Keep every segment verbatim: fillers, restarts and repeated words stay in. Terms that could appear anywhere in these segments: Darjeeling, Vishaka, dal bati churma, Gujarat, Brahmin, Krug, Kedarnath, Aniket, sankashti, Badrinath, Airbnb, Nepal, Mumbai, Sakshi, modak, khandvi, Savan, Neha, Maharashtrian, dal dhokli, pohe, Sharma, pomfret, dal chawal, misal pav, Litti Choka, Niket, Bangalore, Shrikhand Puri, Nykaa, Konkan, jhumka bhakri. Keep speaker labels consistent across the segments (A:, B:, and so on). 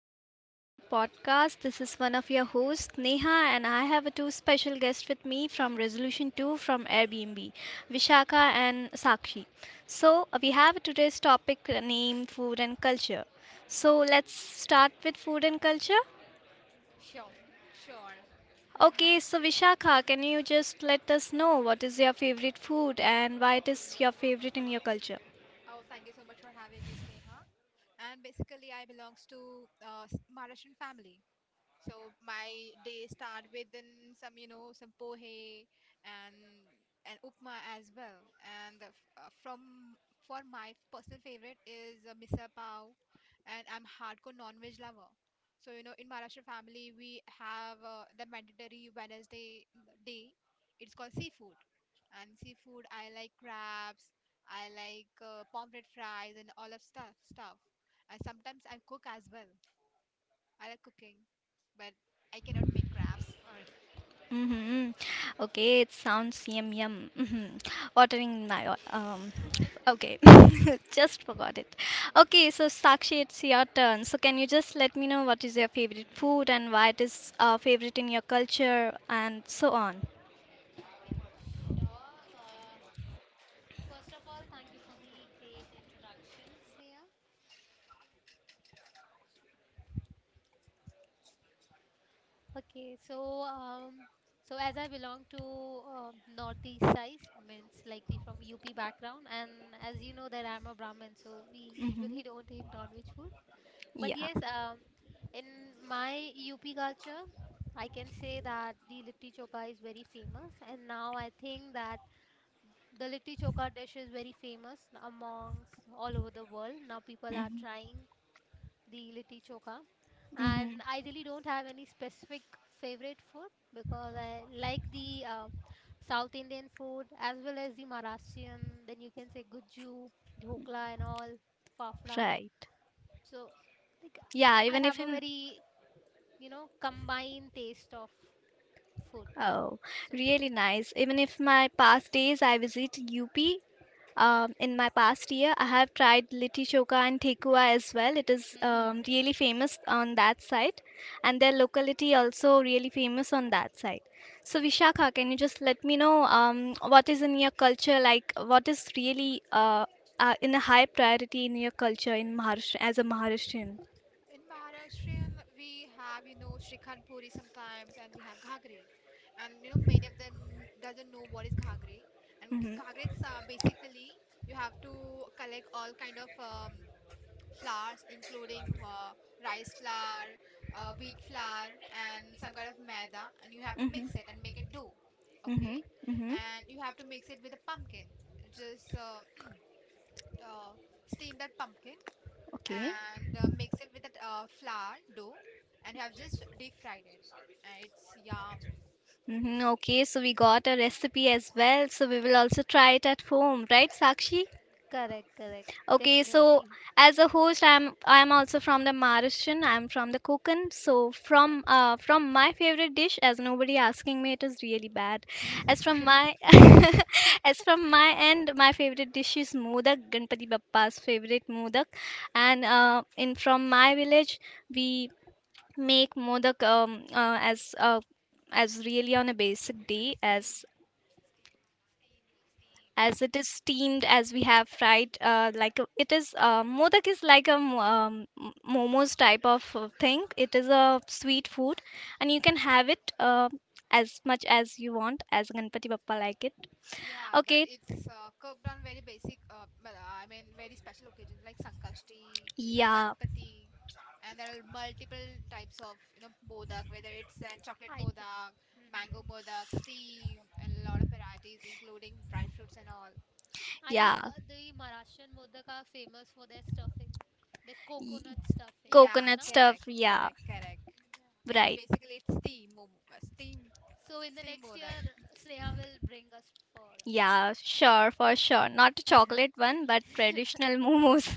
A: guys, welcome to our podcast. This is one of your hosts, Neha, and I have two special guests with me from Resolution two from Airbnb, Vishaka and Sakshi. So, we have today's topic named Food and Culture. So, let's start with Food and Culture.
B: Sure.
C: Sure.
B: And
A: Okay,
C: Ha-
A: so Vishaka, can you just let us know what is your favorite food and why it is your favorite in your culture?
C: oh, thank you so much for having me, Sneha. And basically, I belongs to uh, s- Maharashtrian family. So my day start within some, you know, some pohe and and upma as well. And uh, f- uh, from for my personal favorite is uh, misal pav, and I'm hardcore non-veg lover. So you know, in Maharashtra family, we have uh, the mandatory Wednesday mm, day. It's called seafood, and seafood I like crabs, I like uh, pomfret fries, and all of stuff stuff. And sometimes I cook as well. I like cooking, but I cannot make crafts. Sorry.
A: Mm-hmm. Okay, it sounds yum yum. Mm-hmm. Watering my um. Okay, just forgot it. Okay, so Sakshi, it's your turn. So can you just let me know what is
B: Mhm.
A: your favorite food and why it is uh, favorite in your culture and so on?
B: Okay, sure. Uh, first of all, thank you for the great introduction, Sneha. Okay, so um, so as I belong to um, northeast side, means like the from U P background, and as you know that I'm a Brahmin, so we
A: Mm-hmm.
B: usually don't eat non-veg food. But
A: Yeah.
B: yes, um, in my U P culture, I can say that the litti choka is very famous, and now I think that the litti chokha dish is very famous amongst all over the world. Now people are
A: Mm-hmm.
B: trying the litti chokha.
A: Mm-hmm.
B: And I really don't have any specific favorite food because I like the uh, South Indian food as well as the Maharashtrian. Then you can say gujju, dhokla, and all, fafda.
A: Right.
B: So like,
A: Yeah.
B: I
A: Even
B: have
A: if
B: a
A: in.
B: very, you know, combined taste of food.
A: Oh,
B: So,
A: really nice. Even if my past days I visit U P, um, in my past year, I have tried Litti Choka and Thekua as well. It is um,
B: hmm,
A: really famous on that side, and their locality also really famous on that side. So, Vishakha, can you just let me know um, what is in your culture like? What is really uh, uh, in a high priority in your culture in Maharashtra as a Maharashtrian?
C: In Maharashtrian, we have you know Shrikhand Puri sometimes, and we have Ghagri, and you know many of them doesn't know what is Ghagri, and g- Ghagri is uh, basically you have to collect all kind of um, flours, including uh, rice flour, uh, wheat flour, and some kind of maida, and you have to mix it and make it dough, okay,
A: Basically. Hmm
C: and you have to mix it with a pumpkin. Just uh, uh, steam that pumpkin
A: Okay.
C: and uh, mix it with a uh, flour dough, and you have just deep fried it, and it's yum.
A: hmm Okay, so we got a recipe as well, so we will also try it at home, right, Sakshi?
B: correct, correct,
A: Okay, so
B: definitely.
A: as a host, I'm I'm also from the Maharashtrian. I'm from the Konkan. So from uh from my favorite dish, as nobody asking me, it is really bad. As from my as from my end, my favorite dish is modak, Ganpati Bappa's favorite modak, and uh, in from my village we make modak um uh, as uh as really on a basic day as as it is steamed as we have fried uh, like a- it is uh, modak is like a mo- um, m- momos type of uh, thing. It is a sweet food and you can have it uh, as much as you want as Ganpati Bappa like it.
C: Yeah, but
A: Okay.
C: it's uh, cooked on very basic, uh, but, uh, I mean, very special occasions like sankashti and
A: Yeah.
C: ganpati, and there are multiple types of you know modak, whether it's uh, chocolate
B: I. Th-
C: modak,
B: hmm,
C: mango modak steam, and a lot of varieties including dry fruits and all.
B: I think
A: Yeah.
B: uh, the Maharashtrian Modak are famous for their stuffing, the
A: Y-
B: coconut stuffing.
C: Yeah,
B: No?
A: Coconut stuff,
C: correct,
A: yeah.
C: correct, correct. And
A: Right.
C: basically it's steam mom- uh, steam
B: So in the
C: steam
B: next
C: modak.
B: year, Sneha will bring us for
A: Yeah, sure, for sure. Not a chocolate one, but traditional momos.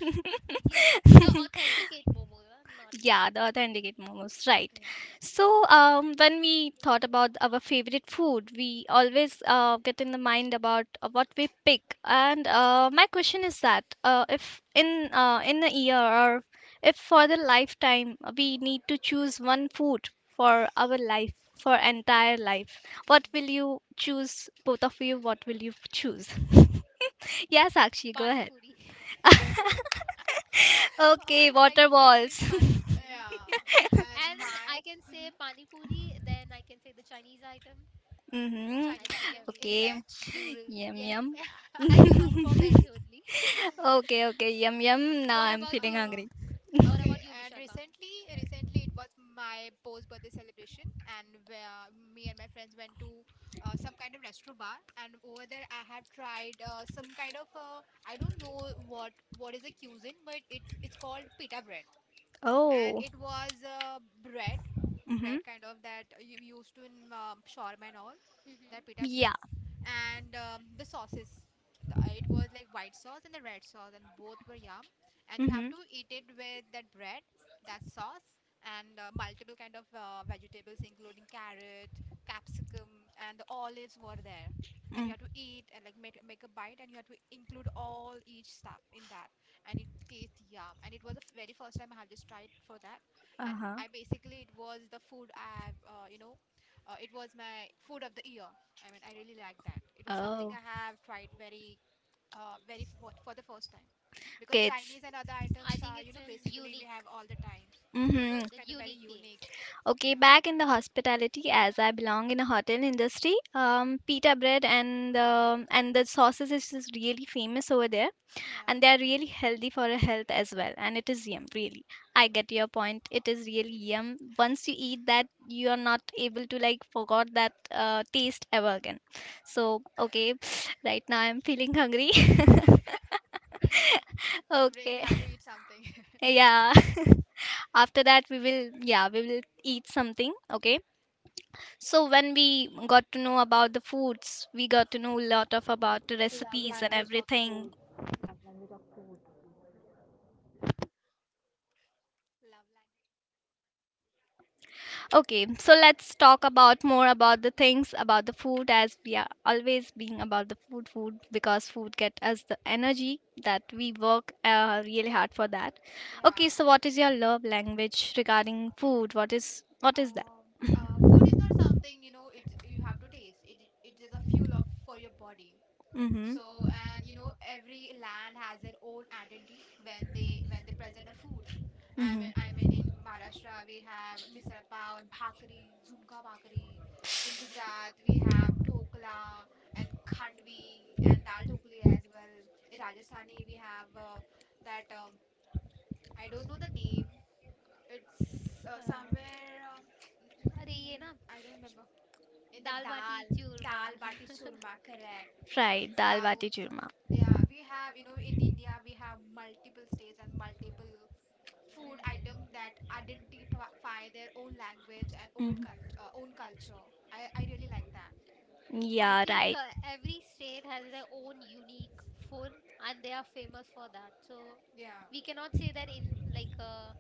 B: yes, the authenticate momo, uh, not
A: Yeah, the authenticate momos, right.
C: Yeah.
A: So, um, when we thought about our favorite food, we always
C: Mm-hmm.
A: uh, get in the mind about uh, what we pick. And uh, my question is that uh, if
C: Mm-hmm.
A: in uh, in a year, or if for the lifetime uh, we need to choose one food for our life, for
B: Mhm.
A: entire life, what will
C: Hmm.
A: you choose? Both of you, what will you choose? Yeah, Sakshi, go
B: Pani
A: ahead.
B: puri.
A: Okay,
B: All time
A: water
C: Uh,
B: favorite
A: balls.
B: pani puri.
C: yeah. And
B: And
C: my
B: I can say
C: hmm
B: pani puri, then I can say the Chinese item.
A: Mm-hmm.
B: I
C: Chinese
B: think
C: item
B: every
C: in
A: Okay,
C: veg.
B: Noodles.
A: yum
B: Yes,
A: yum.
B: uh,
C: Yeah.
B: I'm a lot for veg only.
A: Okay, okay, yum yum. Now
B: What
A: I'm
B: about
A: feeling
C: Uh,
B: you?
A: hungry.
B: What
C: okay.
B: about you,
C: And
B: Vishaka?
C: recently, recently it was my post birthday celebration, and where me and my friends went to uh, some kind of restaurant bar, and over there I have tried uh, some kind of, uh, I don't know what what is a cuisine, but it it's called pita bread. And
A: Oh.
C: it was uh, bread, bread
A: Mm-hmm.
C: kind of that you used to in um shawarma and all,
B: Hmm,
C: that
B: hmm,
C: pita bread,
A: Yeah.
C: and um, the sauces. The, uh, it was like white sauce and the red sauce, and both were yum. And you have
A: Mm-hmm.
C: to eat it with that bread, that sauce, and uh, multiple kind of uh, vegetables, including carrot, capsicum, and the olives were there. And you
A: Mm.
C: have to eat and, like, make, make a bite, and you have to include all each stuff in that, and it tastes yum. And it was the f- very first time I have just tried for that. And
A: Uh huh.
C: I basically, it was the food I have, uh, you know uh, it was my food of the year. I mean, I really like that. It was something
A: Oh.
C: I have tried very, uh, very f- for for the first time, because chinese and other items
B: I
C: are,
B: think
C: you
B: it's
C: know
B: an
C: basically we have
B: unique,
C: all the times.
B: mhm,
C: It
A: Mm-hmm.
C: was
B: the
C: kind of very
B: unique
C: unique.
B: taste.
A: Okay,
C: Yeah,
A: back in the hospitality, as I belong in a hotel industry, um, pita bread and the and the sauces is, is really famous over there.
C: yeah,
A: And they are really healthy for your health as well, and it is yum
B: Hmm.
A: really. I get your point, it is really yum. Once you eat that, you are not able to like forget that uh, taste ever again. So okay, right now I'm feeling hungry.
C: in break we
A: Okay.
C: have to eat something.
A: Yeah. After that we will, yeah, we will eat something. Okay. So when we got to know about the foods, we got to know a lot of about the
C: Love
A: recipes and
C: language of food.
A: everything.
C: Love language of food. Love language.
A: Okay, so let's talk about more about the things about the food, as we are always being about the food, food, because food get us the energy that we work uh, really hard for that.
C: Yeah.
A: Okay, so what is your love language regarding food? What is what is that?
C: Um, uh, food is not something, you know, it you have to taste. It i- it is a fuel of for your body.
A: Mm-hmm.
C: So, and you know, every land has their own identity when they when they present a food. I mean, I mean, in
A: Mm-hmm.
C: Maharashtra we have misal pav and bhakri, jhumka bhakri. In Gujarat we have dhokla and khandvi and dal dhokli as well. In Rajasthani we have, uh, that, um, I don't know the name, it's, uh,
B: Uh,
C: somewhere, um, mm, mm, mm,
B: अरे
C: mm,
B: ये ना
C: I don't remember. In the
B: dal
C: dal,
B: baati churma
C: dal bati churma, correct. In
A: Right, dal
C: South,
A: bati churma.
C: yeah, we have, you know, in India, we have multiple states and multiple food items
B: hmm
C: that identify their own language and old
A: Mhm.
C: cult uh, own culture. I, I
A: That.
C: really like that.
B: I
A: Yeah,
B: think
A: right.
B: uh, every state has their own unique food and they are famous for that. So
C: Yeah,
B: we cannot say that in like uh,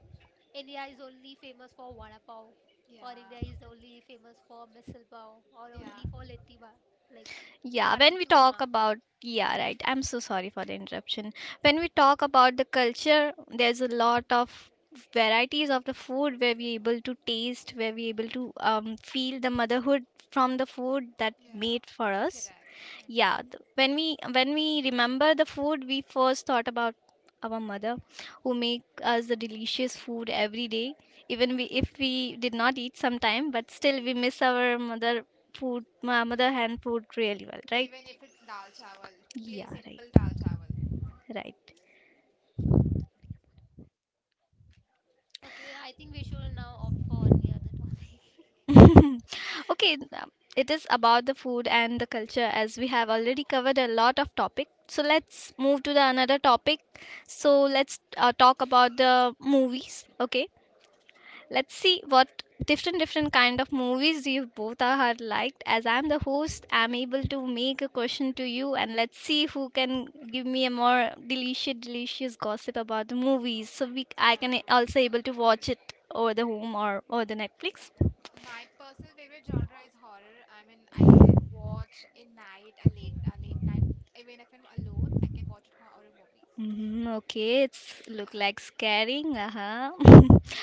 B: India is only famous for vada pav, or
C: yeah,
B: India is only famous for misal pav, or
C: yeah.
B: only for litti ba, like
A: Yeah, when
B: bhati
A: we talk
B: churma.
A: about, yeah, right. I'm so sorry for the interruption. When we talk about the culture, there's a lot of varieties of the food where we're able to taste, where we're able to
C: Hmm.
A: um, feel the motherhood from the food that
C: Yeah,
A: made for us.
C: correct.
A: Yeah,
B: Hmm.
A: th- when we when we remember the food, we first thought about our mother, who make us the delicious food every day. Even we, if we did not eat sometime, but still we miss our mother food, ma-
C: Yeah,
A: mother hand food really well,
C: even
A: right?
C: if it's dal chawal, play
A: Yeah, right,
C: simple dal chawal.
B: Okay, I think we should now opt for any other topic.
A: right. Okay, th- um, it is about the food and the culture, as we have
C: No.
A: already covered a lot of topic. So let's move to the another topic. So let's uh, talk about the movies. Okay, let's see what different different kind of movies you both are liked. As I'm the host, I'm able to make a question to you, and let's see who can give me a more delicious delicious gossip about the movies, so we I can also able to
C: Uh, mhm.
A: watch it over the home or over the Netflix.
C: My personal favorite genre is horror. I mean, I can watch in night, a late, a late, night, even if I'm alone, I can watch it horror movies.
A: Hmm okay, it's
C: Yeah.
A: look like scaring. Uh huh.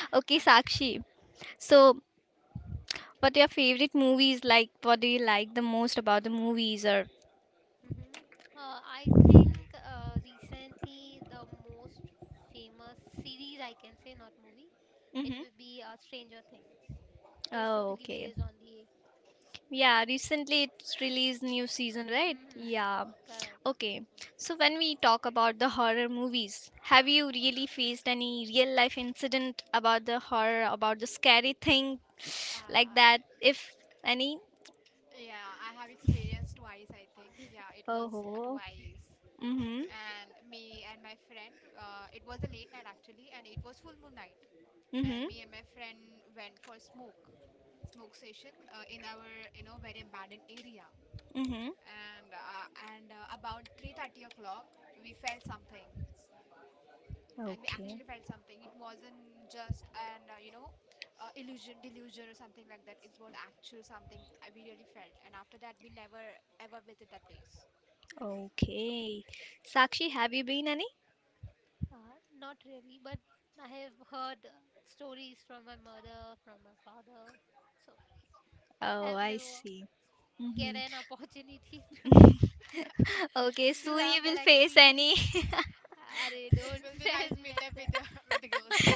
A: Okay,
C: And then,
A: Sakshi. So, what are your favorite movies like? What do you like the most about the movies? Or
B: Hmm. Uh, I think uh, recently the most famous series I can say, not movie, it
A: hmm
B: will be uh, Stranger Things. It is
A: oh,
B: totally
A: okay.
B: based on the.
A: Yeah, recently it's released new season, right?
B: Hmm.
A: Yeah.
B: Correct.
A: Okay. So when we talk about the horror movies, have you really faced any real life incident about the horror, about the scary thing like
C: uh,
A: that? If any?
C: yeah, I have experienced twice, I think. Yeah, it was a
A: Oh.
C: twice.
A: Mm-hmm.
C: And me and my friend, uh, it was a late night actually, and it was full moon night. And
A: Mm-hmm.
C: me and my friend went for smoke, smoke session, uh, in our, you know, very abandoned area.
A: Mm-hmm.
C: And uh, and uh, about three thirty o'clock we felt something. And we
A: Okay.
C: actually
B: Hmm.
C: felt something. It wasn't just an, uh, you know uh, illusion, delusion, or something like that. It was actual something. Uh, we really felt, and after that we never ever visit that place.
A: Okay. Sakshi, have you been any?
B: Uh, not really, but I have heard uh, stories from my mother, from my father. So
A: Oh,
B: I've
A: I
B: never
A: see.
B: get
A: Mm-hmm.
B: an opportunity to
A: Okay,
B: to
A: soon
B: have
A: you
B: that
A: will face
B: experience.
A: any.
B: Arey,
C: It
B: don't
C: will be
B: tell
C: nice
B: me
C: meet
B: like
C: up with, uh,
B: that.
C: with the girls.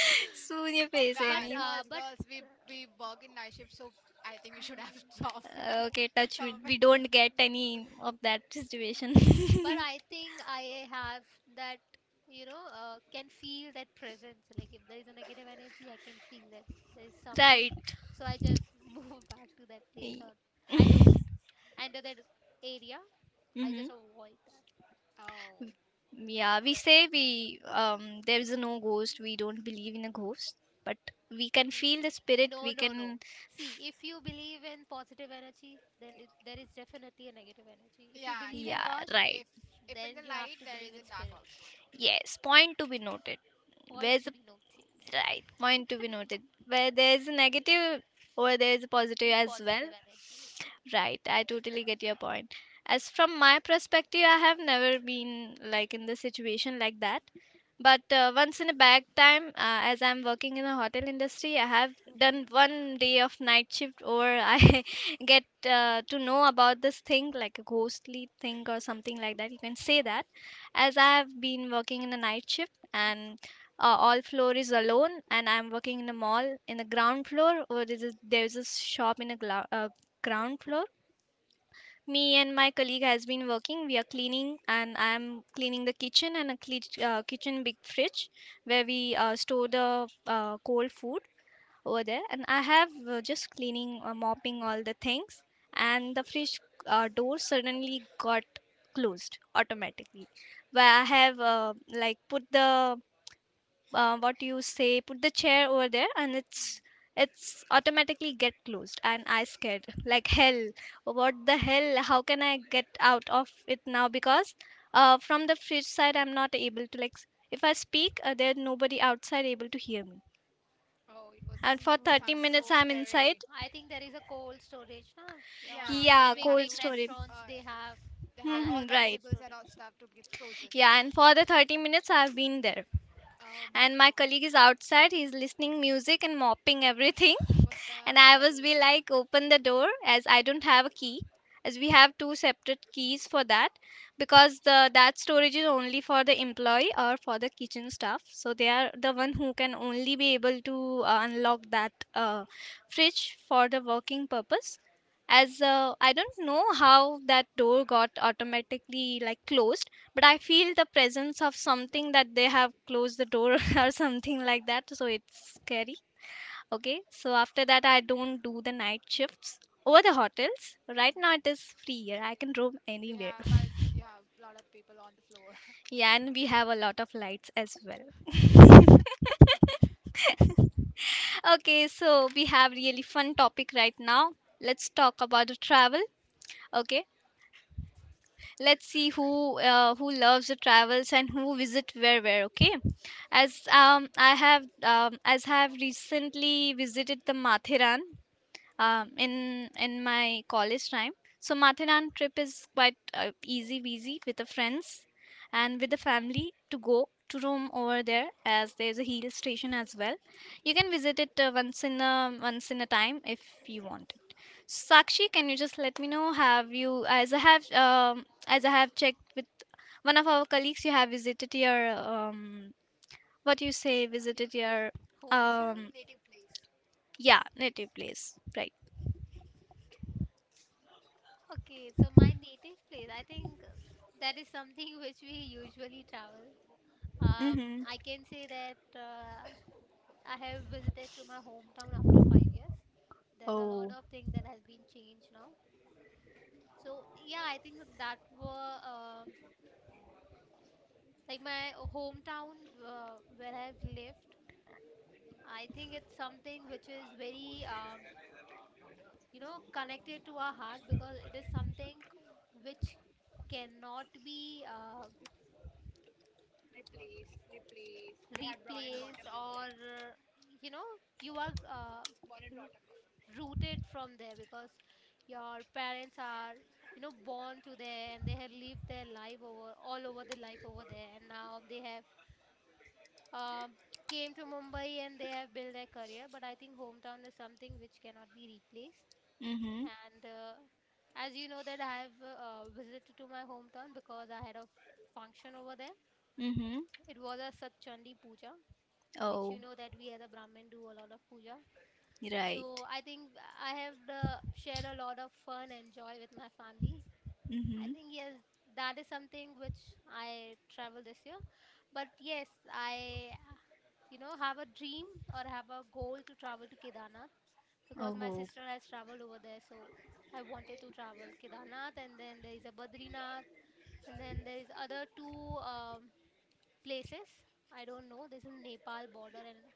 A: Soon you
C: Oh,
A: face
B: But
C: guy,
A: any.
B: uh,
C: girls,
B: but
C: girls, we
B: uh,
C: we work in night shift, so I think we should have
B: mm,
C: solved this
A: Okay, touch wood. We
C: topic.
A: don't get any of that situation.
B: no, but I think I have that, you know, uh, can feel that presence. Like if there is a negative energy, I can feel that there is something.
A: Right.
B: So I just move back to that place,
A: E.
B: or I don't enter that area. I
A: Mm-hmm.
B: just avoid that.
C: Oh,
A: Yeah, we
C: horrific.
A: say we um there is no ghost. We don't believe in a ghost, but we can
B: Hmm.
A: feel the spirit.
B: No,
A: We
B: no, no.
A: can.
B: See, if you believe in positive energy, then
C: K-
B: th- there is definitely a negative energy. If you
C: Yeah,
B: believe in
A: Yeah,
B: God,
C: correct.
A: right.
C: If if in the
B: then you have
C: light,
B: to
C: there
B: believe
C: is
B: in
C: in dark
B: spirit.
C: also.
A: Yes, point to be noted.
B: Point
A: Where's
B: to be noted.
A: right, point to be noted. Where there's a negative or there's a positive
B: The
A: as
B: positive
A: well.
B: energy as
A: Right, I totally get your point. As from my perspective, I have never been like in the situation like that. But uh, once in a back time, uh, as I'm working in the hotel industry, I have
B: well.
A: done one day of night shift, or I get uh, to know about this thing, like a ghostly thing or something like that. You can say that, as I have been working in a night shift, and uh, all floor is alone, and I'm working in a mall in the ground floor, or there's a, there's a shop in a gla- uh, ground floor. Me and my colleague has been working. We are cleaning, and I'm cleaning the kitchen and a cle- uh, kitchen big fridge where we uh, store the uh, cold food over there. And I have uh, just cleaning, uh, mopping all the things, and the fridge uh, door suddenly got closed automatically. Where I have uh, like put the uh, what you say put the chair over there, and it's it's automatically get closed, and I scared like hell. What the hell, how can I get out of it now? Because uh, from the fridge side, I'm not able to like if I speak, uh, there's nobody outside able to hear me.
C: Oh, it was.
A: And
C: It
A: for thirty
C: sounds
B: Oh.
C: so
A: minutes I'm inside.
C: scary.
B: I think there is a cold storage, na? Uh,
C: Yeah,
B: in
C: we
A: Yeah,
B: big,
C: have
A: cold
C: to.
B: big
C: F-
A: story.
B: restaurants,
C: Uh,
B: they
C: yeah,
B: have
C: they
A: Hmm
C: had
B: that
C: all
A: hmm,
B: cold
A: right.
C: vegetables and all
B: storage.
C: stuff to be frozen.
A: Yeah, and for the thirty minutes I've been there,
C: Oh my
A: and my colleague
C: God.
A: is outside, he's listening music and mopping everything.
C: What the
A: And I
C: hell?
A: was be like, open the door, as I don't have a key, as we have two separate keys for that. Because the that storage is only for the employee or for the kitchen staff, so they are the one who can only be able to uh, unlock that uh, fridge for the working purpose. As uh, I don't know how that door got automatically like closed. But I feel the presence of something, that they have closed the door, or something like that, so it's scary. Okay, so after that, I don't do the night shifts over the hotels. Right now, it
C: Mhm.
A: is free here. I can roam
C: We
A: anywhere.
C: have my yeah, a lot of people on the floor.
A: Yeah, and we have a lot of lights as well. Okay, so we have really fun topic right now. Let's talk about the travel. Okay, let's see who uh, who loves the travels and who visit where where. Okay, as um I have um, as I have recently visited the Mathiran, um,
B: Mhm,
A: in in my college time. So Mathiran trip is quite uh, easy, easy with the friends and with the
B: mhm.
A: family to go to Rome over there, as there's a hill station as well. You can visit it uh, once in a once in a time if you want it. Sakshi, can you just let me know? Have you as I have um, as I have checked with one of our colleagues, you have visited your um, what do you say? Visited
C: Nat-
A: your
B: Hometown?
A: um,
C: Native place.
A: yeah, native place, right?
B: Okay, so my native place, I think uh, that is something which we usually travel. Um,
A: Mm-hmm.
B: I can say that uh, I have visited to my hometown after five years. There's a lot
A: Oh.
B: of things that has been changed now. So yeah, I think that, that were uh, like my hometown uh, where I've lived. I think it's something which is very, um, you know, connected to our heart because it is something which cannot be uh,
C: Replace.
B: replaced or, uh, you know, you are uh, r- rooted from there because your parents are, you know, born to there and they have lived their life over all over the life over there and now they have um, came to Mumbai and they have built their career. But I think hometown is something which cannot be replaced
A: Mm-hmm.
B: and uh, as you know that I have uh, visited to my hometown because I had a f- function over there.
A: Mm-hmm.
B: It was a satchandi puja which you
A: Oh,
B: know that we as a brahmin do a lot of puja. So
A: right.
B: I think I have uh, shared a lot of fun and joy with my family. I
A: Mm-hmm.
B: think yes, that is something which I travel this year, but yes, I, you know, have a dream or have a goal to travel to kedarnath because my
A: Oh.
B: sister has traveled over there. So I wanted to travel Kedarnath, and then there is a Badrinath, and then there is other two um, places. I don't know. There's a Nepal border and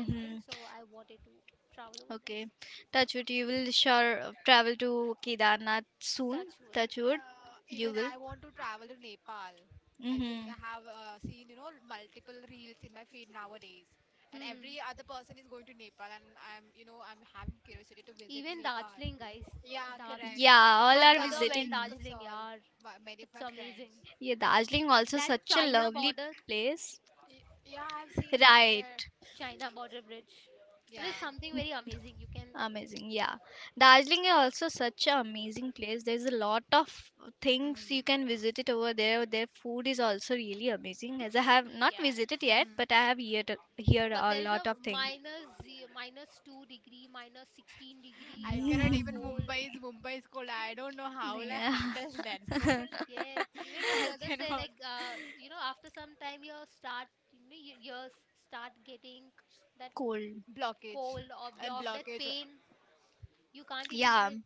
B: everything. So I wanted to travel over there.
A: Okay. Touchwood, you will sure uh, travel to Kedarnath soon.
B: Touch wood.
A: Touchwood,
C: Uh, even
A: you will.
C: I want to travel to Nepal. I think
A: Mm-hmm.
C: I have uh, seen, you know multiple reels in my feed nowadays, and
B: Mhm.
C: every other person is going to Nepal, and I'm you know I'm having curiosity to visit
B: Even
C: Nepal.
B: Darjeeling, guys.
C: Yeah,
B: Darjeeling.
C: correct.
A: Yeah, all
B: My
A: are
B: brother went
A: visiting.
C: Darjeeling
B: Darjeeling,
C: Kasol.
B: yeah.
C: wha- Many of
B: It's
C: my friends.
B: amazing.
A: Yeah, Darjeeling also
B: That
A: such a
B: China
A: lovely
B: border,
A: place.
C: Y- yeah, I've seen that there.
A: Right.
B: China border bridge. It is
C: Yeah.
B: something very amazing. You can
A: Amazing, yeah.
B: travel.
A: Darjeeling is also such an amazing place. There's a lot of things
C: Mm.
A: you can visit it over there. Their food is also really amazing. As I have not visited
B: Yes.
A: yet,
C: Hmm.
A: but I have heard heard
B: But
A: a
B: there is
A: lot
B: a
A: of things.
B: minus ze- minus two degree, minus sixteen degree,
C: I
B: yeah,
C: cannot even
B: cold.
C: Mumbai is Mumbai is cold. I don't know how will I
A: Yeah,
C: handle that cold.
B: Yes, even my
C: I
B: brother say
C: cannot
B: like, uh, you know, after some time you start, you know, your ears start getting that
A: cold.
C: blockage
B: cold or
C: and
B: block, that
C: blockage.
B: pain. You can't even
A: Yeah,
B: breathe.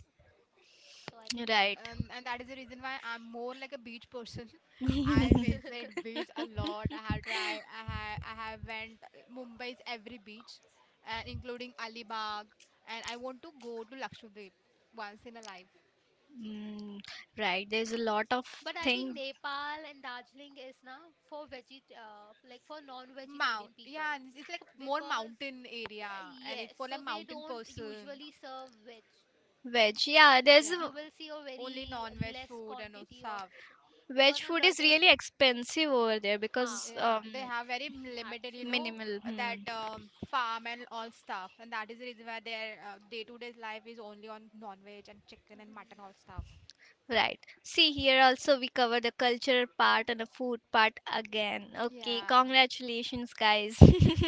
B: So I think,
A: right.
C: And, and that is the reason why I'm more like a beach person. I visit beach a lot. I have tried. I have I have went Mumbai's every beach, and including Alibag. And I want to go to Lakshadweep once in a life.
A: Mm, right. There's a lot of
B: but I think
A: thing.
B: Nepal and Darjeeling is now for veget, uh, like for non-vegetarian
C: Mount,
B: people
C: yeah, and it's like a more
B: because
C: mountain area,
B: uh,
C: and it's
B: yes,
C: for like
B: so they
C: mountain
B: don't
C: person.
B: usually serve veg.
A: Veg, yeah, there's
C: Yeah,
B: You
A: a,
B: will see a
C: only
B: very
C: non-veg
B: less
C: food and all
B: quantity of
C: stuff.
A: veg
B: because my
A: food is
B: brother,
A: really expensive over there
B: ha,
A: because
C: Yeah,
A: um
C: they have very m- limited, you
B: actually,
C: know,
A: minimal.
C: uh, that
A: Hmm.
C: um, farm and all stuff. And that is the reason why their uh, day-to-day life is only on non-veg and chicken and mutton
B: mhm.
C: all stuff.
A: Right. See, here also we cover the cultural part and the food part again. Okay,
C: Yeah.
A: congratulations guys.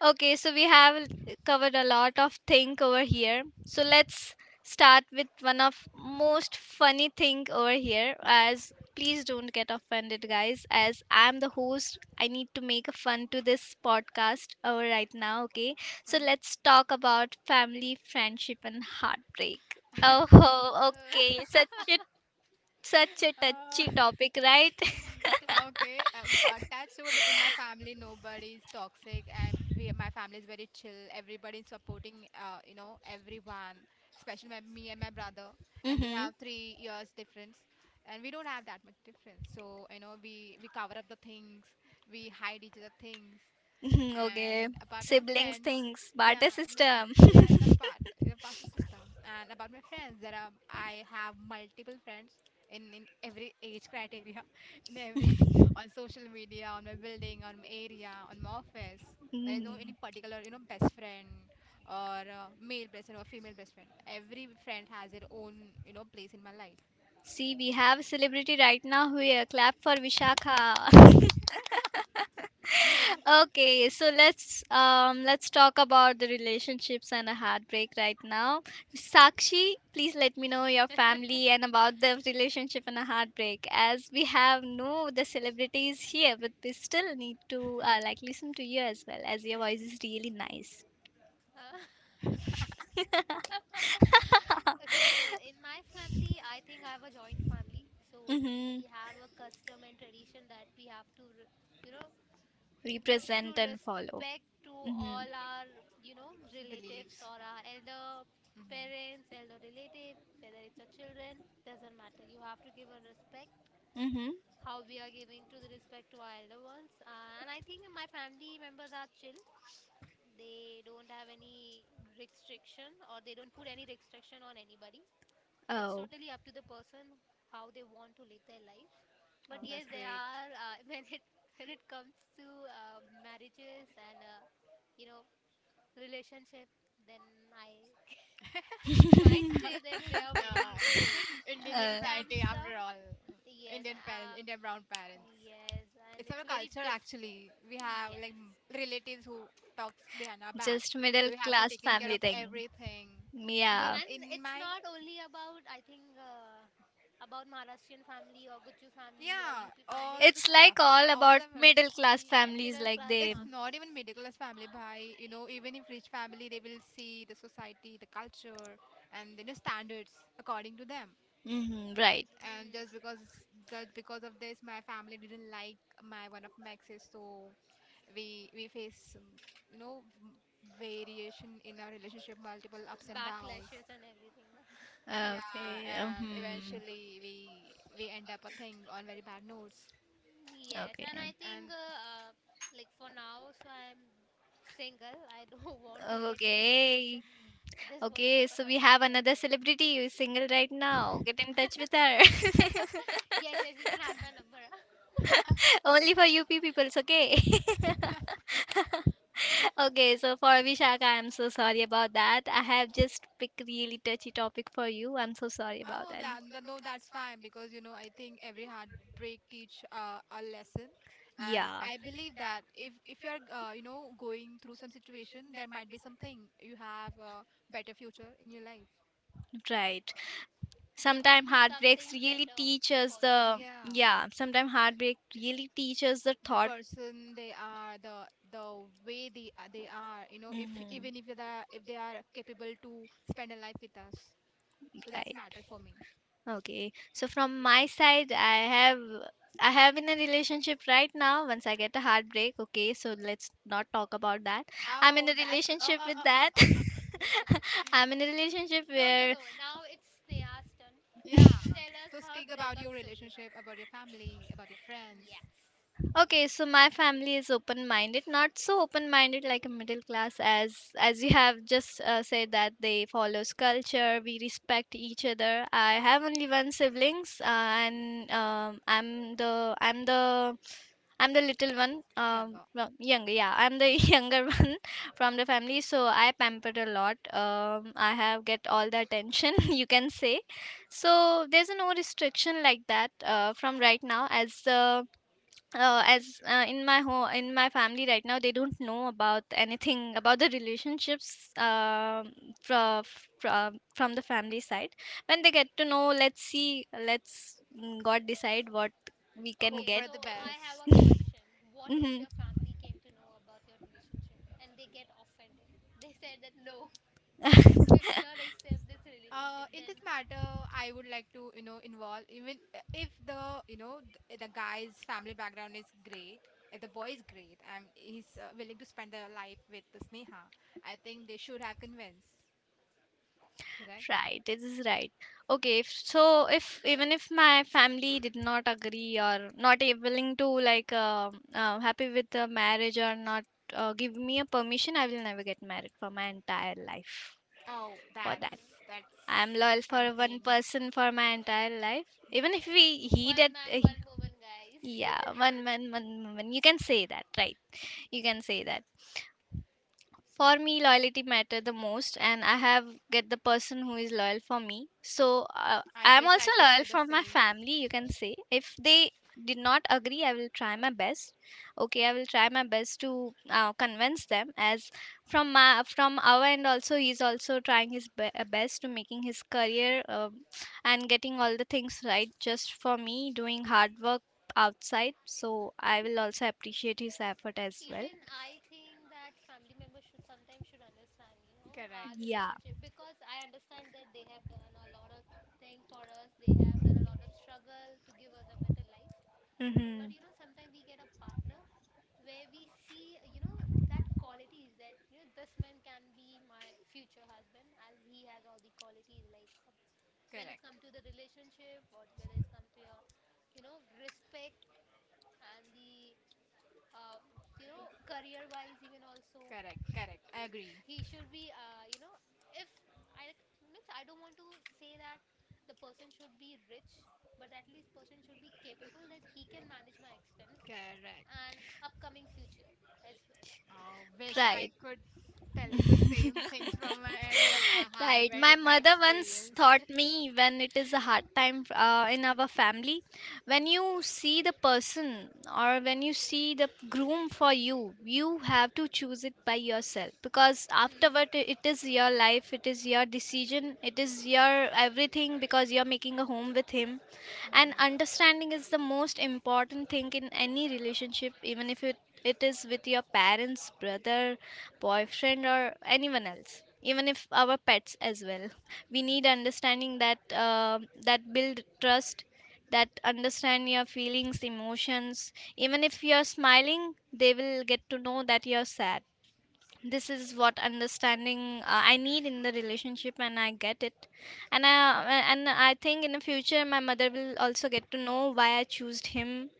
A: Okay, so we have l- covered a lot of thing over here. So let's start with one of most funny thing over here, as please don't get offended guys, as I'm the host I need to make a fun to this podcast over right now. Okay, so let's talk about family, friendship and heartbreak. Oh,
B: Uh,
A: okay, such a such a touchy
C: Uh-huh.
A: topic, right?
C: Okay, uh, f- attached
B: oh
C: would in my
B: God.
C: family nobody is toxic, and we my family is very chill. Everybody is supporting, uh, you know everyone, especially my, me and my brother. And we
A: Mhm.
C: have three years difference, and we don't have that much difference. So, you know we we cover up the things, we hide each other things,
A: Mhm, okay.
C: and apart from
A: Siblings
C: friends,
A: things.
C: yeah,
A: Barter
C: this
A: system.
C: yeah, it's a part it's a part of system. And about my friends, there are I have multiple friends in in every age criteria, in every on social media, on my building, on my area, on my office. There is no any
A: Mhm.
C: particular, you know best friend, or uh, male best friend or female best friend. Every friend has their own, you know place in my life.
A: See, we have a celebrity right now here. Clap for Vishakha. Okay, so let's um let's talk about the relationships and a heartbreak right now. Sakshi, please let me know your family and about the relationship and a heartbreak, as we have no the celebrities here, but we still need to uh, like listen to you as well, as your voice is really nice.
B: Huh? Okay, so in my family, I think I have a joint family. So
A: Mm-hmm.
B: we have a custom and tradition that we have to, re- you know, give to
A: Represent and follow.
B: respect to
A: Mm-hmm.
B: all our, you know, relatives
C: Beliefs.
B: or our elder
C: Hmm.
B: parents, elder relative, whether it's our children, doesn't matter. You have to give a respect,
A: Mm-hmm.
B: how we are giving to the respect to our elder ones. Uh, and I think my family members are chill. They don't have any restriction or they don't put any restriction on anybody. It's
A: Oh.
B: totally up to the person how they want to live their life. But
C: Oh,
B: yes,
C: that's
B: there
C: great.
B: are uh, when it when it comes to uh, marriages and uh, you know relationship, then I might say that they are very
C: Uh,
B: strict
C: Indian
B: in
A: Uh,
B: terms
C: society, after
B: of
C: all.
B: yes,
C: Indian parents,
B: uh,
C: Indian brown parents.
B: yes, and
C: It's
B: it's
C: our
B: very
C: culture
B: diff
C: actually. We have,
B: Yeah,
C: like, m- relatives who talks behind our back,
A: just
C: so
A: middle
C: we have to
A: class
C: take in care
A: family
C: of
A: thing.
C: everything. And But
A: Yeah.
B: and
C: in
B: it's
C: my
B: not only about I think uh, about Maharashtrian family or Guju family or
C: yeah,
B: U P
C: all
B: family.
C: the
B: It's
A: It's
C: stuff,
A: like all
C: all
A: about
C: of it.
A: middle class
B: yes,
A: families,
B: middle
A: like
B: class
A: they.
C: It's not
B: families.
C: even middle class family. By, you know, even if rich family, they will see the society, the culture, and, you know standards according to them.
A: Hmm, right.
C: And just
B: Hmm.
C: because just because of this my family didn't like my one of my exes. So we we face, um, you know m- variation in our relationship, multiple ups and downs.
B: Backlashes and everything. No?
C: Yeah,
A: Okay.
C: and
A: Hmm.
C: eventually we we end up a thing on very bad notes,
B: Yes, and I
A: Okay.
B: think
C: and
B: uh, uh, like for now, so I'm single. I don't want to get into
A: Okay.
B: relationship. Just want to
A: Okay.
B: focus
A: So we
B: on my
A: have another
B: career.
A: celebrity who is single right now. Get in touch with her.
B: Yes, yes, you can have my number, huh?
A: Only for U P peoples, okay? Okay, so for Vishaka, I'm so sorry about that. I have just picked really touchy topic for you. I'm so sorry about
C: oh,
A: that.
C: that, that- no, that's fine, because, you know I think every heartbreak teach uh, a lesson, and
A: Yeah.
C: I believe that if if you're, uh, you know going through some situation, there might be something you have a better future in your life.
A: Right.
B: There might
A: Sometimes
B: be
A: heartbreaks
B: something
A: really
B: better
A: teach us
B: for you.
A: the
C: Yeah,
A: yeah. Sometimes heartbreak really teaches the
C: the
A: thought.
C: person they are, the the way they are- they are, you know, if
A: Mhm.
C: even if they are if they are capable to spend a life with us, so that's
A: Right.
C: matter for me.
A: Okay. So from my side, I have I have in a relationship right now. Once I get a heartbreak, okay. So let's not talk about that. I'm in
C: Oh,
A: a
C: that's oh,
A: relationship with
C: oh, oh,
A: that.
C: oh, oh.
A: I'm in a relationship
B: No, no,
A: where
B: no. Now it's Sneha's turn. She
C: Yeah.
B: will tell us
C: So
B: her
C: speak about
B: breakup
C: your
B: story now.
C: relationship, about your family, about your friends,
B: Yes.
A: okay. So my family is open-minded, not so open-minded like a middle class as as you have just uh, said that they follows culture. We respect each other. I have only one siblings, uh, and um, I'm the I'm the I'm the little one, um,
C: younger.
A: well, younger. Yeah, I'm the younger one from the family, so I pampered a lot. Um, I have get all the attention you can say. So there's no restriction like that uh, from right now, as uh, uh, as uh, in my home in my family right now they don't know about anything about the relationships uh, from from the family side. When they get to know, let's see, let's mm, God decide what we can
C: Hope
B: Okay,
A: get.
C: for the
B: so I have
C: best.
B: a question. What if your family came to know about your relationship and they get offended? They said that no, we will not accept this
C: Uh
B: relationship.
C: in
B: Then,
C: this matter, I would like to, you know involve, even uh, if the you know th- the guy's family background is great, if the boy is great and he's, uh, willing to spend their life with the Sneha, I think they should have convinced. Correct.
A: Right, this is right. Okay, if, so if even if my family did not agree or not a- willing to like uh, uh, happy with the marriage or not uh, give me a permission, I will never get married for my entire life.
C: Oh,
A: For that,
B: mhm.
C: that's that's
A: I am loyal for
C: something.
A: one person for my entire life. Even if we he did,
B: One
A: uh,
B: man, one
A: he-
B: woman, guys.
A: yeah, one man, one woman. You can say that, right? You can say that, for me loyalty matter the most, and I have get the person who is loyal for me. So uh,
C: I
A: I am
C: wish
A: also
C: I could
A: loyal
C: say the
A: from my
C: same.
A: family, you can say. If they did not agree, I will try my best. Okay, I will try my best to uh, convince them. As from my from our end also, he's also trying his be- uh, best to making his career, uh, and getting all the things right just for me, doing hard work outside. So I will also appreciate his effort as well.
B: Even I think that family members should sometimes should understand, you know,
C: Correct,
B: our
A: Yeah.
B: relationship because I understand that they have done a lot of thing for us. They have done a lot of struggle to give us a better life.
A: Mm-hmm.
B: But you know, sometimes we get a partner where we see, you know, that qualities that you know this man can be my future husband as he has all the qualities like um, when it's
C: correct,
B: come to the relationship or whether it's come to your, you know, respect and the uh, you know career wise even also
C: correct, correct. I agree.
B: he should be uh, you know if i like- means I don't want to say that the person should be rich but at least person should be capable that he can manage my expense
C: Correct.
B: and upcoming future as well,
C: Oh,
B: so
C: wish
B: I think
C: I
A: Right.
C: could tell you the same things from my end, but I had a
A: Right.
C: very
A: My
C: bad
A: mother once
C: experience.
A: taught me, when it is a hard time uh, in our family, when you see the person or when you see the groom for you, you have to choose it by yourself, because
B: mhm.
A: afterward i- it is your life, it is your decision, it is your everything, because you're making a home with him. And
C: Hmm.
A: understanding is the most important thing in any relationship, even if it it is with your parents, brother, boyfriend, or anyone else. Even if our pets as well, we need understanding that uh, that build trust, that understand your feelings, emotions. Even if you're smiling, they will get to know that you're sad. This is what understanding uh, I need in the relationship, and I get it. And i and i think in the future my mother will also get to know why I chose him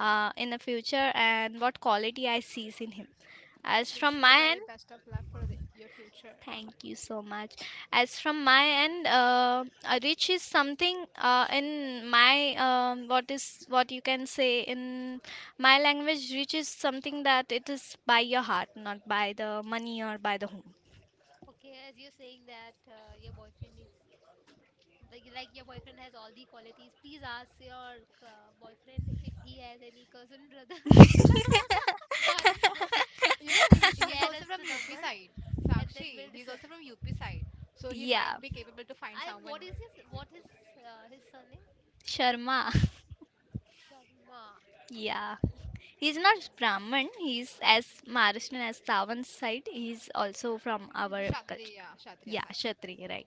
A: uh, in the future, and what quality I sees in him as
C: Wish
A: from
C: you
A: my
C: very
A: end.
C: best of luck for the, your future.
A: Thank you so much. As from my end, uh, a reach is something uh, in my um what is what you can say in my language, reach is something that it is by your heart, not by the money or by the home.
B: Okay as you're saying that uh, your boyfriend is like, like your boyfriend has all the qualities, please ask your uh, boyfriend if he has any cousin brother out of this
C: You know,
B: just
C: he he's
B: share
C: also
B: us the
C: from U P
B: number
C: side.
B: and then
C: Sakshi,
B: we'll
C: he's
B: decide.
C: also from U P side, so he
A: Yeah,
C: might be capable to find
B: I what
C: someone.
B: is his what is uh, his surname?
A: Sharma.
B: Sharma.
A: Yeah. He's not Brahmin, he's as Maharashtrian as Savan side. He's also from our
B: Hmm,
A: culture.
C: Kshatriya, Kshatriya
A: Yeah,
C: side.
A: Kshatriya, right.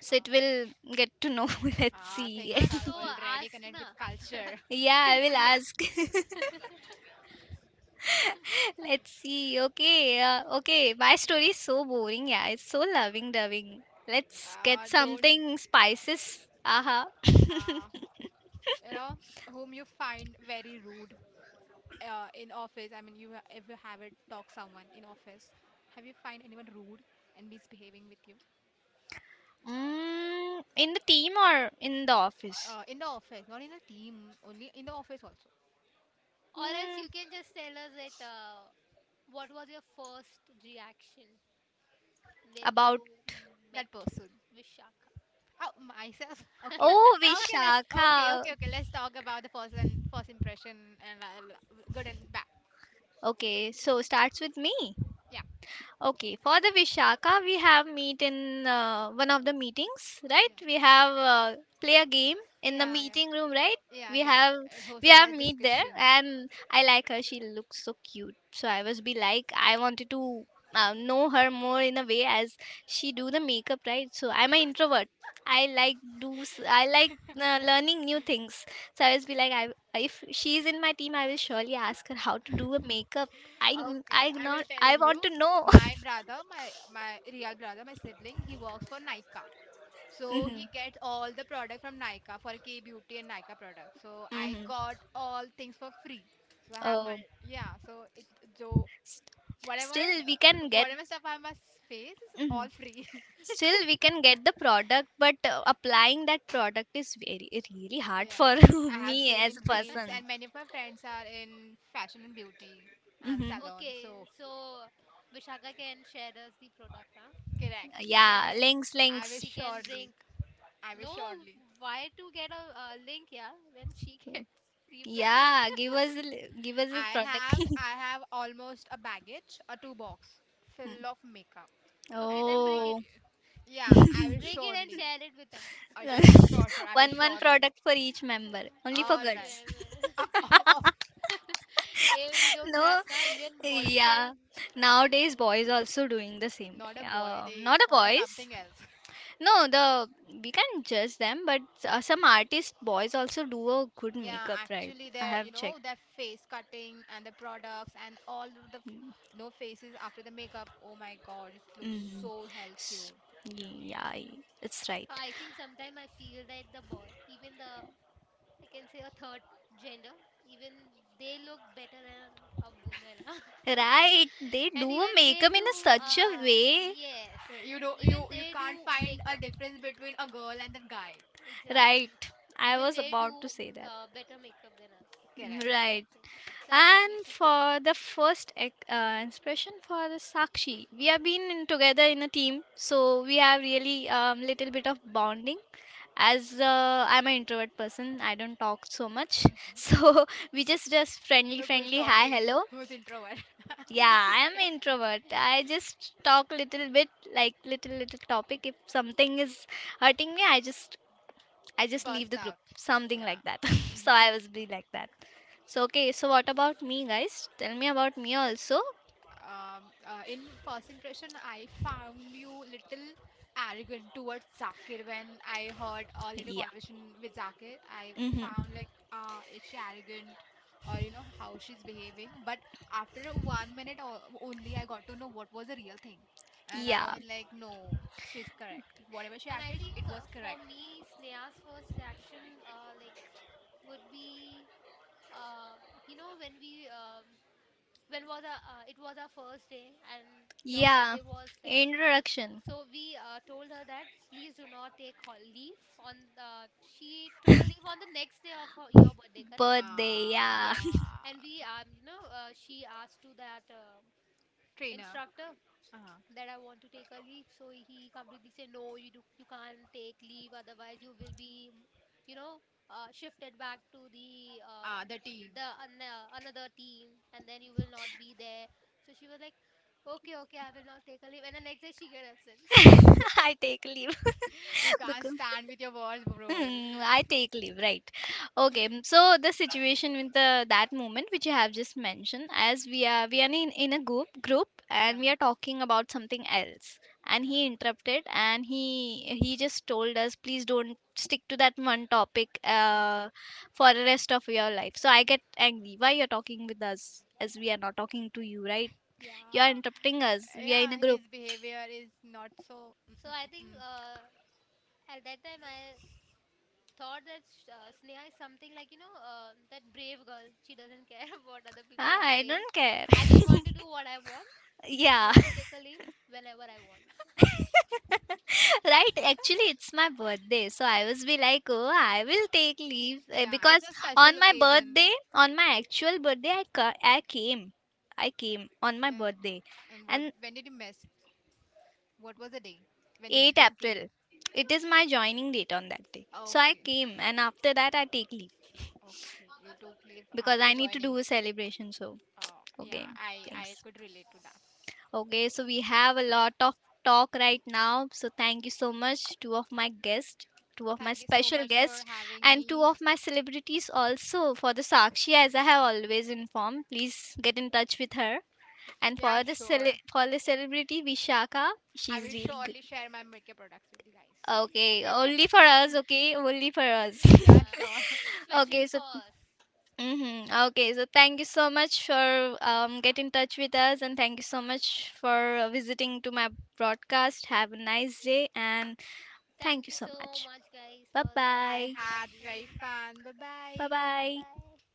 A: So it
C: Ah,
A: will get to know. Let's
C: ah,
A: see.
C: Things
B: huh, so
C: are
B: uh,
C: already
B: ask
C: connected
B: na.
C: with culture.
A: Yeah, I will
B: yeah.
A: ask. Let's see. Okay, uh, okay. My story is so boring. Yeah, it's so loving doving. Let's get
C: Ah, don't.
A: something spices. Aha. Uh-huh.
C: ah, you know, Whom you find very rude, uh, in office. I mean, you ha- if you have it talk someone in office, have you find anyone rude and misbehaving with you,
A: Mm, in the team or in the office?
C: uh, in the office, not in the team, only in the office also.
B: Or else
A: Mm,
B: you can just tell us that uh, what was your first reaction when you
A: about
C: That
B: met
C: person.
B: Vishaka?
C: Oh, myself. Okay.
A: Oh,
C: Okay. Let's. Okay.
A: Vishakha.
C: Okay. Okay. Let's talk about the first and first impression and uh, l- good and bad.
A: Okay, so starts with me.
C: Yeah.
A: Okay, for the Vishaka, we have meet in uh, one of the meetings, right?
C: Yeah.
A: We have uh, play a game in the
C: Yeah. Yeah.
A: meeting room, right?
C: Yeah.
A: We
C: Correct.
A: have
C: Uh, Host
A: we
C: and
A: have
C: girl
A: meet there,
C: discussion.
A: and I like her. She looks so cute. So I was be like, I wanted to uh, know her more in a way, as she do the makeup, right? So I'm an introvert. I like do s- I like uh, learning new things. So I was be like, I if she's in my team, I will surely ask her how to do a makeup. I n-
C: Okay,
A: I
C: I will
A: not
C: tell
A: I
C: you.
A: want to know.
C: My brother, my my real brother, my sibling, he works for Nykaa. So
B: Mhm.
C: he
A: Mhm.
C: gets all the product from Nykaa for K Beauty and Nykaa product. So I
A: Mhm.
C: got all things for free. So I have my
A: Oh,
C: yeah. So it so whatever,
A: still we
C: uh,
A: can get
C: whatever stuff I must face is all
A: mhm.
C: free.
A: Still we can get the product, but uh, applying that product is very really hard
C: Yeah,
A: for
C: I have
A: me
C: seen
A: as
C: in
A: a
C: reels,
A: person.
C: and many of my friends are in fashion and beauty and
A: Hmm.
C: salon.
B: Okay,
C: So
B: so Vishaka can share us the product, huh?
C: correct.
B: She
C: Yes,
A: Yeah,
B: can
A: links,
C: I will
A: links.
B: she can
C: surely.
B: bring,
C: I will
B: no,
C: surely.
B: why to get a, a link yeah when she gets free product.
A: Yeah, give us a li- give us a
C: I
A: product.
C: have I have almost a baggage, a two box
A: Mm.
C: full of makeup.
B: Okay,
C: If you
B: then bring
C: want,
B: it.
A: Oh,
C: yeah, I will
B: Bring it and
C: surely.
B: share it with us.
C: Uh, sure, sure, sure. I will
A: one one
C: surely.
A: product for each member,
B: Um,
A: only
B: for
A: for
C: All
B: each
C: right.
A: girls.
C: Uh,
B: member.
C: oh,
B: Eh, we don't
A: No,
B: trust, huh? Even boys can.
A: yeah, nowadays boys also doing the same
C: not
A: way.
C: a boy.
A: Um,
C: They
A: not the
C: call it
A: boys.
C: something else.
A: No, the we can judge them, but uh, some artist boys also do a good
C: Yeah,
A: makeup, right?
C: actually,
A: I
C: their you
A: have
C: know
A: checked.
C: their face cutting and the products and all of the f- no faces after the makeup. Oh my God, it looks
A: Mm-hmm.
C: so hell cute.
A: Yeah, it's right.
B: I think sometimes I feel that the boy, even the, I can say a third gender, even they look better than a woman, huh?
A: Right, they
B: And
A: do a
B: even they
A: makeup
B: do,
A: in a such a
B: uh,
A: way.
B: yes.
C: Uh, You don't
B: Even
C: you you
B: they do
C: can't find a
B: makeup.
C: difference between a girl and a guy.
A: Right,
B: Exactly.
A: I
B: Even
A: was
B: they do
A: about to say
B: mm,
A: that.
B: uh, better makeup than us.
C: Correct.
B: So I
A: Right.
B: think. So I think we
A: And
B: should take.
A: for the first ec- uh, inspiration for the Sakshi, we have been in together in a team, so we have really um, little bit of bonding. As uh, I'm an introvert person, I don't talk so much,
C: Mm-hmm.
A: so we just just friendly,
C: Look who's
A: friendly, hi,
C: talking,
A: hello.
C: who's introvert.
A: Yeah, I am introvert. I just talk little bit, like little little topic. If something is hurting me, I just I just leave
C: Burst
A: the group,
C: out.
A: something
C: Yeah.
A: like that. So
C: Hmm.
A: I was be like that. So okay, so what about me, guys? Tell me about me also.
C: Um, uh, in first impression, I found you little arrogant towards Zakir when I heard a little
A: Yeah.
C: conversation with Zakir. I
A: Mm-hmm.
C: found, like, uh, is she arrogant, or, you know how she's behaving? But after a one minute o only, I got to know what was the real thing, and I
A: Yeah.
C: was like, no, she's correct. Whatever she
B: And I
C: acted,
B: think
C: it was
B: uh, for
C: correct.
B: me, Sneha's first reaction, uh, like, would be, uh, you know, when we, um, when was our, uh, it was our first day, and your
A: Yeah.
B: birthday was there.
A: Introduction.
B: So we uh, told her that please do not take her leave on. Uh, she took a leave on the next day of her, your birthday, correct?
A: Birthday, yeah.
B: Yes.
C: Ah,
B: And we, um, you know, uh, she asked to that uh,
C: Trainer.
B: instructor
C: Uh-huh.
B: that I want to take a leave. So he completely said, no, you do, you can't take leave. Otherwise, you will be, you know, uh, shifted back to the uh,
C: Ah, the team.
B: the an- uh, another team, and then you will not be there. So she was like, okay, okay, I will not take a leave. And the next day she got absent.
A: I take leave
C: You can't
A: because
C: stand with your words, bro.
A: hmm, I take leave, right? Okay, mm, so the situation with the that moment which you have just mentioned, as we are we are in, in a group group and
C: Yeah.
A: we are talking about something else, and he interrupted, and he he just told us please don't stick to that one topic uh,
C: Uh-huh.
A: for the rest of your life. So I get angry. Why you're talking with us, as we are not talking to you, right? You are
C: Yeah.
A: interrupting us. We are in a
C: Yeah,
A: group.
C: his behavior is not so.
B: So
C: Mm-mm.
B: I think uh, at that time I thought that sh- uh, Sneha is something like you know uh, that brave girl. She doesn't care what other people
A: Ah,
B: are
A: I
B: saying.
A: don't care.
B: I just want to do what I want, and
A: Yeah,
B: I will take a leave whenever I want.
A: right. Actually, it's my birthday, so I was be like, oh, I will take leave eh,
C: Yeah, it's
A: because
C: a special
A: on my birthday,
C: occasion.
A: on my actual birthday, I ca- I came, I came on my
C: And
A: birthday,
C: and what?
A: and
C: When did you miss? What was the day? When did the
A: 8
C: team came?
A: April, it is my joining date on that day. So I
C: Okay.
A: came, and after that, I take leave
C: Okay. You took leave
A: because
C: after the
A: I need to
C: joining.
A: do a celebration. So
C: Oh, yeah.
A: okay,
C: I I
A: thanks.
C: could relate to that.
A: Okay, so we have a lot of talk right now. So thank you so much, two of my guests, two of my
C: Thank you so
A: special
C: much for
A: guests,
C: having
A: and two
C: me.
A: of my celebrities also for the Sakshi, as I have always informed. Please get in touch with her. And
C: Yeah,
A: for the
C: sure.
A: cele- for the celebrity Vishaka,
C: I will
A: she's really good.
C: surely share my makeup products with you guys.
A: Okay, only for us. Okay, only for us.
C: Yeah,
B: Uh,
C: sure.
B: especially
A: Okay,
B: for
A: so
B: us.
A: mm-hmm. Okay, so thank you so much for um, get in touch with us, and thank you so much for uh, visiting to my broadcast. Have a nice day, and
B: Thank
A: thank you
B: you
A: so
B: so
A: much.
B: much, guys, for
A: Bye
B: the
C: I
B: lovely
A: bye.
C: had very
B: interaction.
C: fun. Bye bye.
A: Bye
B: Bye
A: bye.
B: bye.